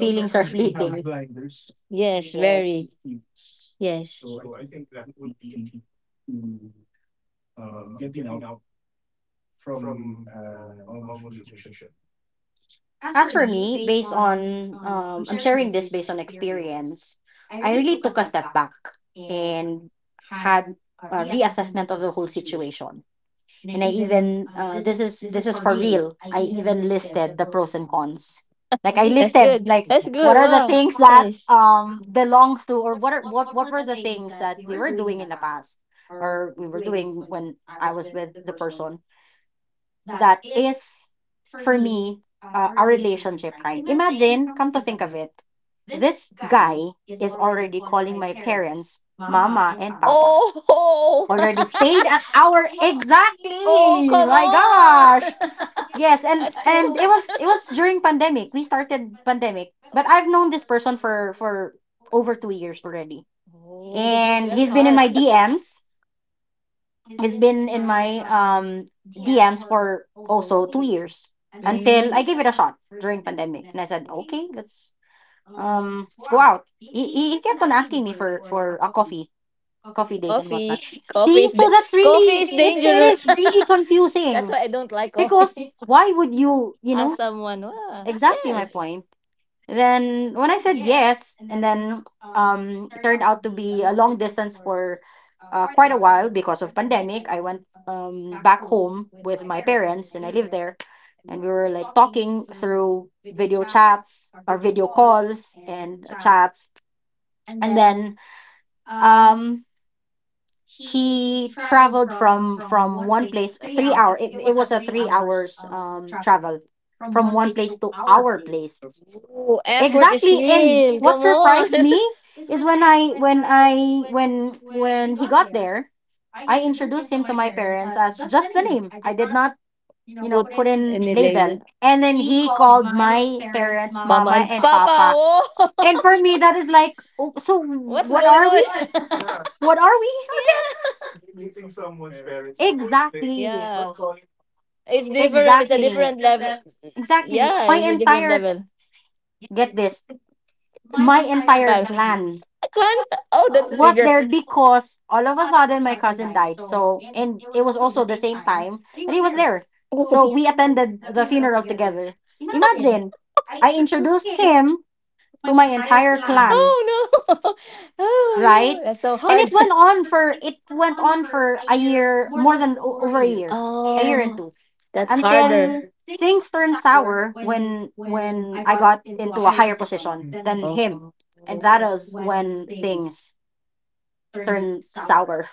feelings are we do have fleeting. blinders eh, Yes, Yes. with very. feelings. Yes. So I think that would be a key to getting out from an almost relationship. As for me, based on I'm sharing this based on experience, I really took a step back and Mm. had a reassessment of the whole situation, and I even this is for real. I even listed the pros and cons. Mm. Like I It's a That's good listed good. thing like though. That's good. what are the Wow. things that Yes. Yeah. Belongs to, or what are what were the things that we were doing in the past or we were doing when I was with the person that is, for me, a relationship kind. Imagine, come to think of it, this guy is already calling my parents mama and papa, Oh. already stayed at our, Oh, exactly, come my on. gosh. Yes, and That's too and much. It was during pandemic. We started pandemic, but I've known this person for over 2 years already, Oh, and that's he's been in my harsh. DMs. He's been in my DMs for also 2 years Mm. until I gave it a shot during pandemic, and I said, okay, let's go out. He kept on asking me for a coffee date and what. Coffee. Coffee See, is so da- that's coffee really, is it's it it's dangerous. is very, really That's confusing, yeah. why I don't like because coffee. why would you, you know, Ask someone. Wow. exactly my Yes. point. Then when I said yes, and then it turned out to be a long distance for quite a while because of pandemic. I went, back home with my parents, and I live there, and we were like talking through video chats or video calls and chats, and then um, he traveled from one place, three hour. it, it was a 3 hours travel from one place to our place. That's quite a Ooh, lot. effort is Exactly. And real. what Come on. surprised me is, when I when he got there, I introduced him to my parents as just the name. I did not, you know, Put put in in the Mm. label. label. And then he called my parents Mama mama and and papa. papa. Oh. And for me, that is like, oh, so What's what going are we? on? Yeah, What are we? meeting someone's parents is one thing, Exactly. but Yeah, calling them mama and it's papa is different. It's an a Exactly. different entirely level. different thing. Exactly. Yeah, My it's a different entire, level. get this, Five. my entire clan Clan? Oh, that's was bigger. there because all of a sudden my cousin died. So, and it was also the same time that he was there. Oh. So we attended the funeral together. Imagine, I introduced him to my entire clan, Oh no. Oh right? no. That's so And it hard. went on for, it went on for a year, more than over Ah, a year and Oh. two, That's thi- harder. until things turned sour when I got into a higher position mhm. than Oh. him, and that is when things turned sour.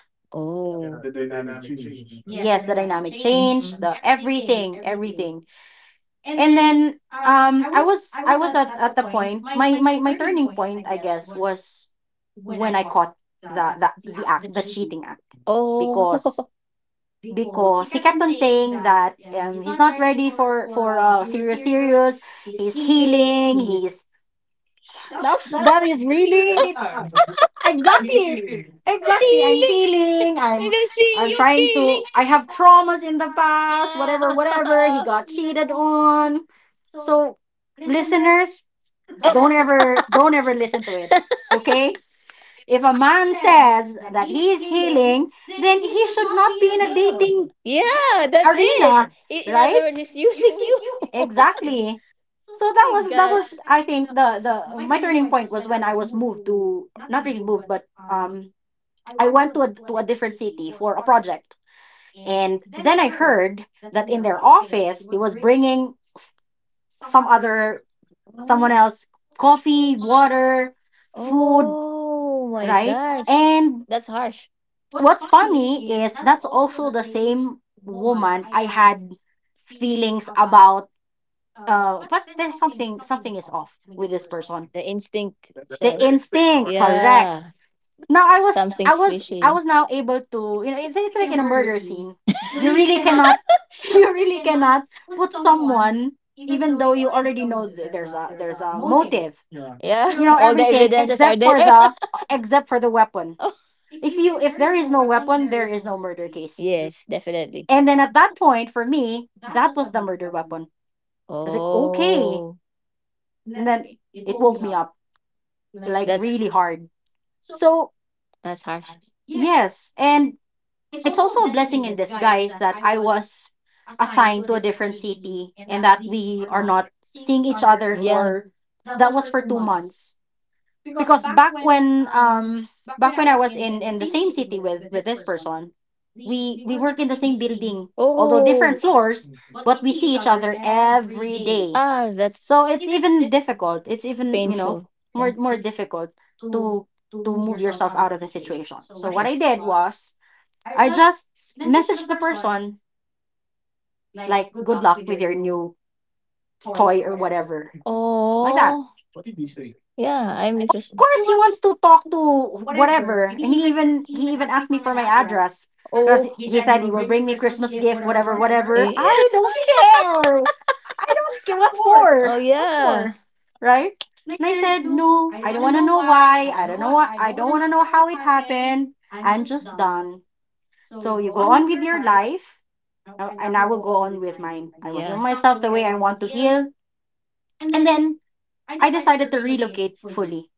Yeah, Oh. the dynamic changed. No? Yes, the dynamic change, the Mhm. everything, everything. And then I was at the point, my turning point, I guess, was when I caught the act, the cheating act, Oh. Mm. because he kept on saying that he's not ready for serious, he's healing, he's that's, That's that is another red really, flag. I'm exactly, healing. exactly, I'm Feeling. healing, And i'm I'm seeing i'm you trying to, I feeling. have traumas in the past, Ah. whatever, Yeah. whatever, he got cheated on. So, listeners, don't ever listen to it. Okay, if a man says that he is healing, then he should not be in a Yeah, dating you should Yeah, not be that's it. arena, dating He, in other right? words, he's using you. Exactly. Oh So that my was, gosh. I think the, my turning point was when I was moved, to, not really moved, but I went to a different city for a project. And then I heard that in their office, he was bringing some someone other, else. someone else, coffee, water, food, Mm. Oh my right? gosh. And That's harsh. what's funny is, that's also the same woman I had feelings about, but there's something, something is off with this person. The Mm, instinct that's the The says, instinct part. instinct, correct. yeah, No, I was, I something's was I fishy. was now able to, you know, it's like in a murder scene. You really cannot, you really cannot put someone, even though you already know there's a, there's a motive. Yeah. Yeah, You know all the everything evidences are except there. for the, except for the weapon. If you, if there is no weapon, there is no murder case. Yeah, Yes, definitely. And then at that point for me, that was the murder weapon. I was like, okay. Oh, And then it woke me up, like, that's really hard. So that's harsh. yes, and it's also a blessing in disguise that I was assigned to a different city and that we are yeah. not seeing each other Yeah. for, that was for 2 months. Because back when I was in the same city with this person, we work in the same building, although Oh, different floors, Hmm. but we see each other every day. ah, that's So it's even difficult. It's even, you know, painful. Yeah. more Yes. difficult to to Oh, move yourself out of the situation. So what I did was, I just message the person like, good luck with your new toy or Mm. whatever. Mm-mm. Like that. What did he say? yeah, I'm Of interested. course he wants to talk to whatever. And he even, asked me for my address. Because Oh. he said he will bring me Christmas gift, whatever, whatever. Yeah. I don't No, care. you've I woken don't up. care. What for? Oh What yeah. for? Right? And I said, no, I don't wanna know why. I don't know what, I don't wanna know how it happened. I'm just done. So you go Yeah. on with your life, uh, and I will go on with mine. I will heal Yeah. myself the way I want to heal. And then I decided to relocate fully.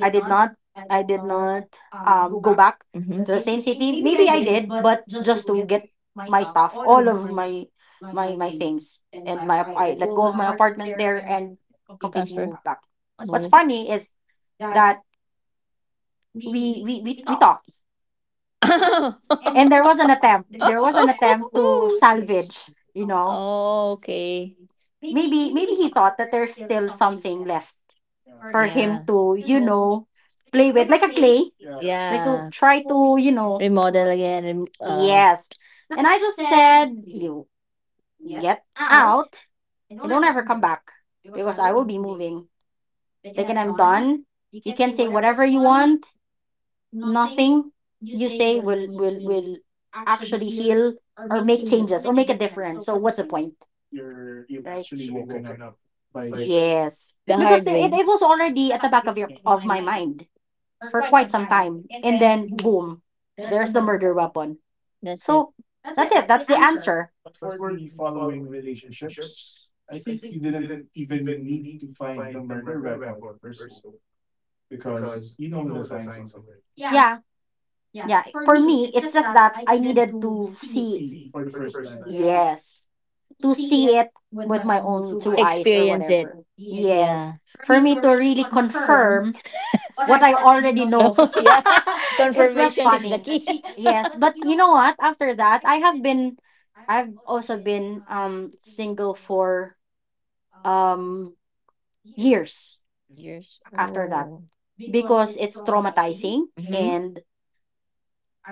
I did not, I did not go back to the same Mm-hmm. city. Maybe I did, but just to get my stuff, all of my, my things and my, I let go of my apartment there and completely moved back. What's funny is that we talked, and there was an And attempt. There was an attempt to salvage, you Hmm. know, oh, okay. maybe, he thought that there's still something left Yeah. for him Yeah. to, you know, play with, like a clay, Yeah. like to Yeah. try to, you know, Remodel again. Rem- yes. And I just said, you, get out, and don't ever come Yeah. back, because I will be moving, like, and I'm done. mm, You can say whatever you want, nothing you say will will actually heal or make changes or make a difference, so what's the point, you're you've right? actually woken up by then. Right. Yes. Yes, the because hard there-, way. it was already at the back of your, Yeah. of my mind for quite some time. And then boom, there's the murder weapon. That's it. So that's it. That's the answer. But for the following relationships, I think you didn't even need to find the murder weapon or so because you know the signs already. Yeah. Yeah. Yeah. For me, it's just that I needed to see, See, for see the for the first first time. time. Yes. Yes. To see it with my own two eyes or Experience it. whatever. Yeah. Yes. For me to really confirm what I already know. Yeah. Yeah. It's just funny. Yes. But you know what? After that, I have been, I've also been single for um years. Mhm. Years. After that, Oh. because it's traumatizing. Yeah. Like, Mm-hmm. And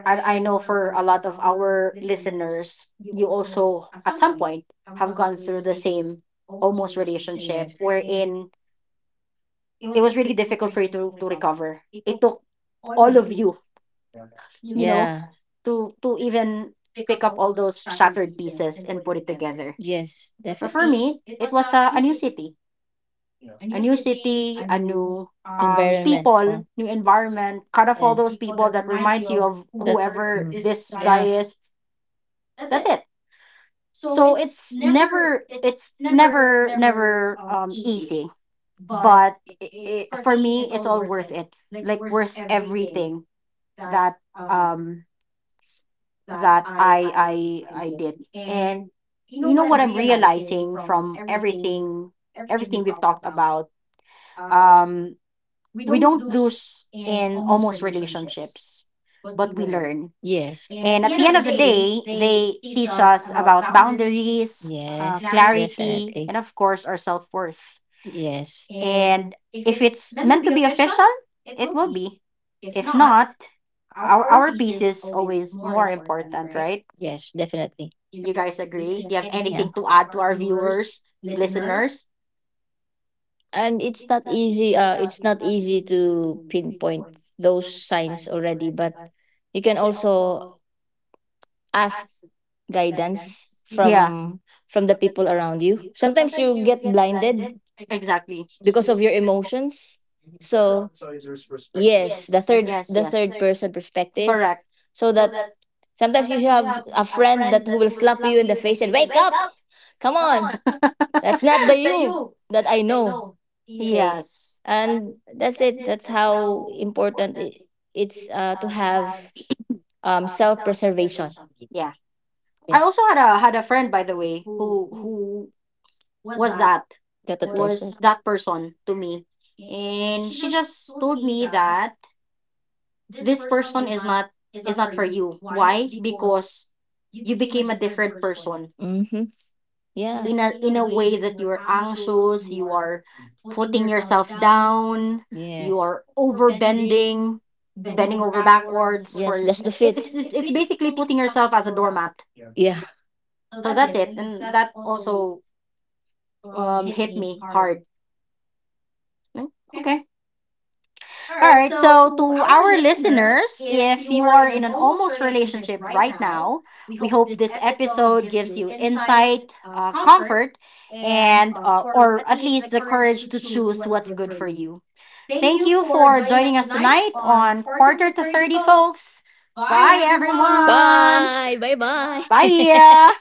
I know, for a lot of our listeners, you also at some point have gone through the same almost relationship, Mhm. wherein it was really difficult for you to recover. It took all of you, Yeah. you know, yeah. to even pick up all those shattered pieces and put it together. Yes. For But for me, it was a new city. Yeah. A new city, a new right, environment. people, Wow. new environment, cut off all those people that reminds you of Mhm. whoever That. this guy is. That's it. So it's never, never easy, but it, for me, it's all worth it. Like, worth everything that, um that I I did. And you know what I'm realizing from everything, everything we've talked about, um we don't lose in almost relationships, but we learn. Yes. And at the That's end of the true. day, they teach us about boundaries, Uh, clarity, definitely. and of course, our self worth. Yes. And if it's meant to be official, it will be. If not, our piece is always more important, right? Yes. Definitely. You guys Yeah. agree? Do you have anything to Exactly. add to our viewers, listeners? And it's not easy, uh, it's not easy to pinpoint those signs already, but you can also ask guidance Yeah, from from the people around you. Yeah. Sometimes you get blinded exactly. Sometimes because because of your he. emotions. You need an So outsider's perspective yes, sometimes. Yes, the yes. third person perspective, Correct. so that sometimes you should have a friend that who will slap you in the face and wake up, come on. Yeah. That's not the The you you. that I know. Yeah. Okay. Yes. And that's it. That's how important it's to have self preservation. Yeah. Yeah. Yeah. I also had a, had a friend, by the way, who was that, That that person. was that person to Mhm. me. And she just told me that this person is not, is not for you. Yeah. Why? Because you became a different person Mm-hmm. Yeah. in a, In a in a way way that you that you are are anxious, anxious, you you are are Mhm. putting yourself down, you yes, are overbending, bending bending over over backwards, backwards or— for, yes, just to it's fit. It's it's basically basically putting putting yourself on yourself the as a doormat. doormat. Yeah. Yeah. So that's it. And that also hit me hard. Mm. Okay. All right. So to our listeners, if you are in an almost relationship right now, we hope this episode gives you insight, comfort, and or at least the courage to choose what's good for you. Thank you for joining us tonight on Quarter to 30, folks. Bye Bye everyone. everyone. Bye. Bye. Bye Bye. bye. Bye.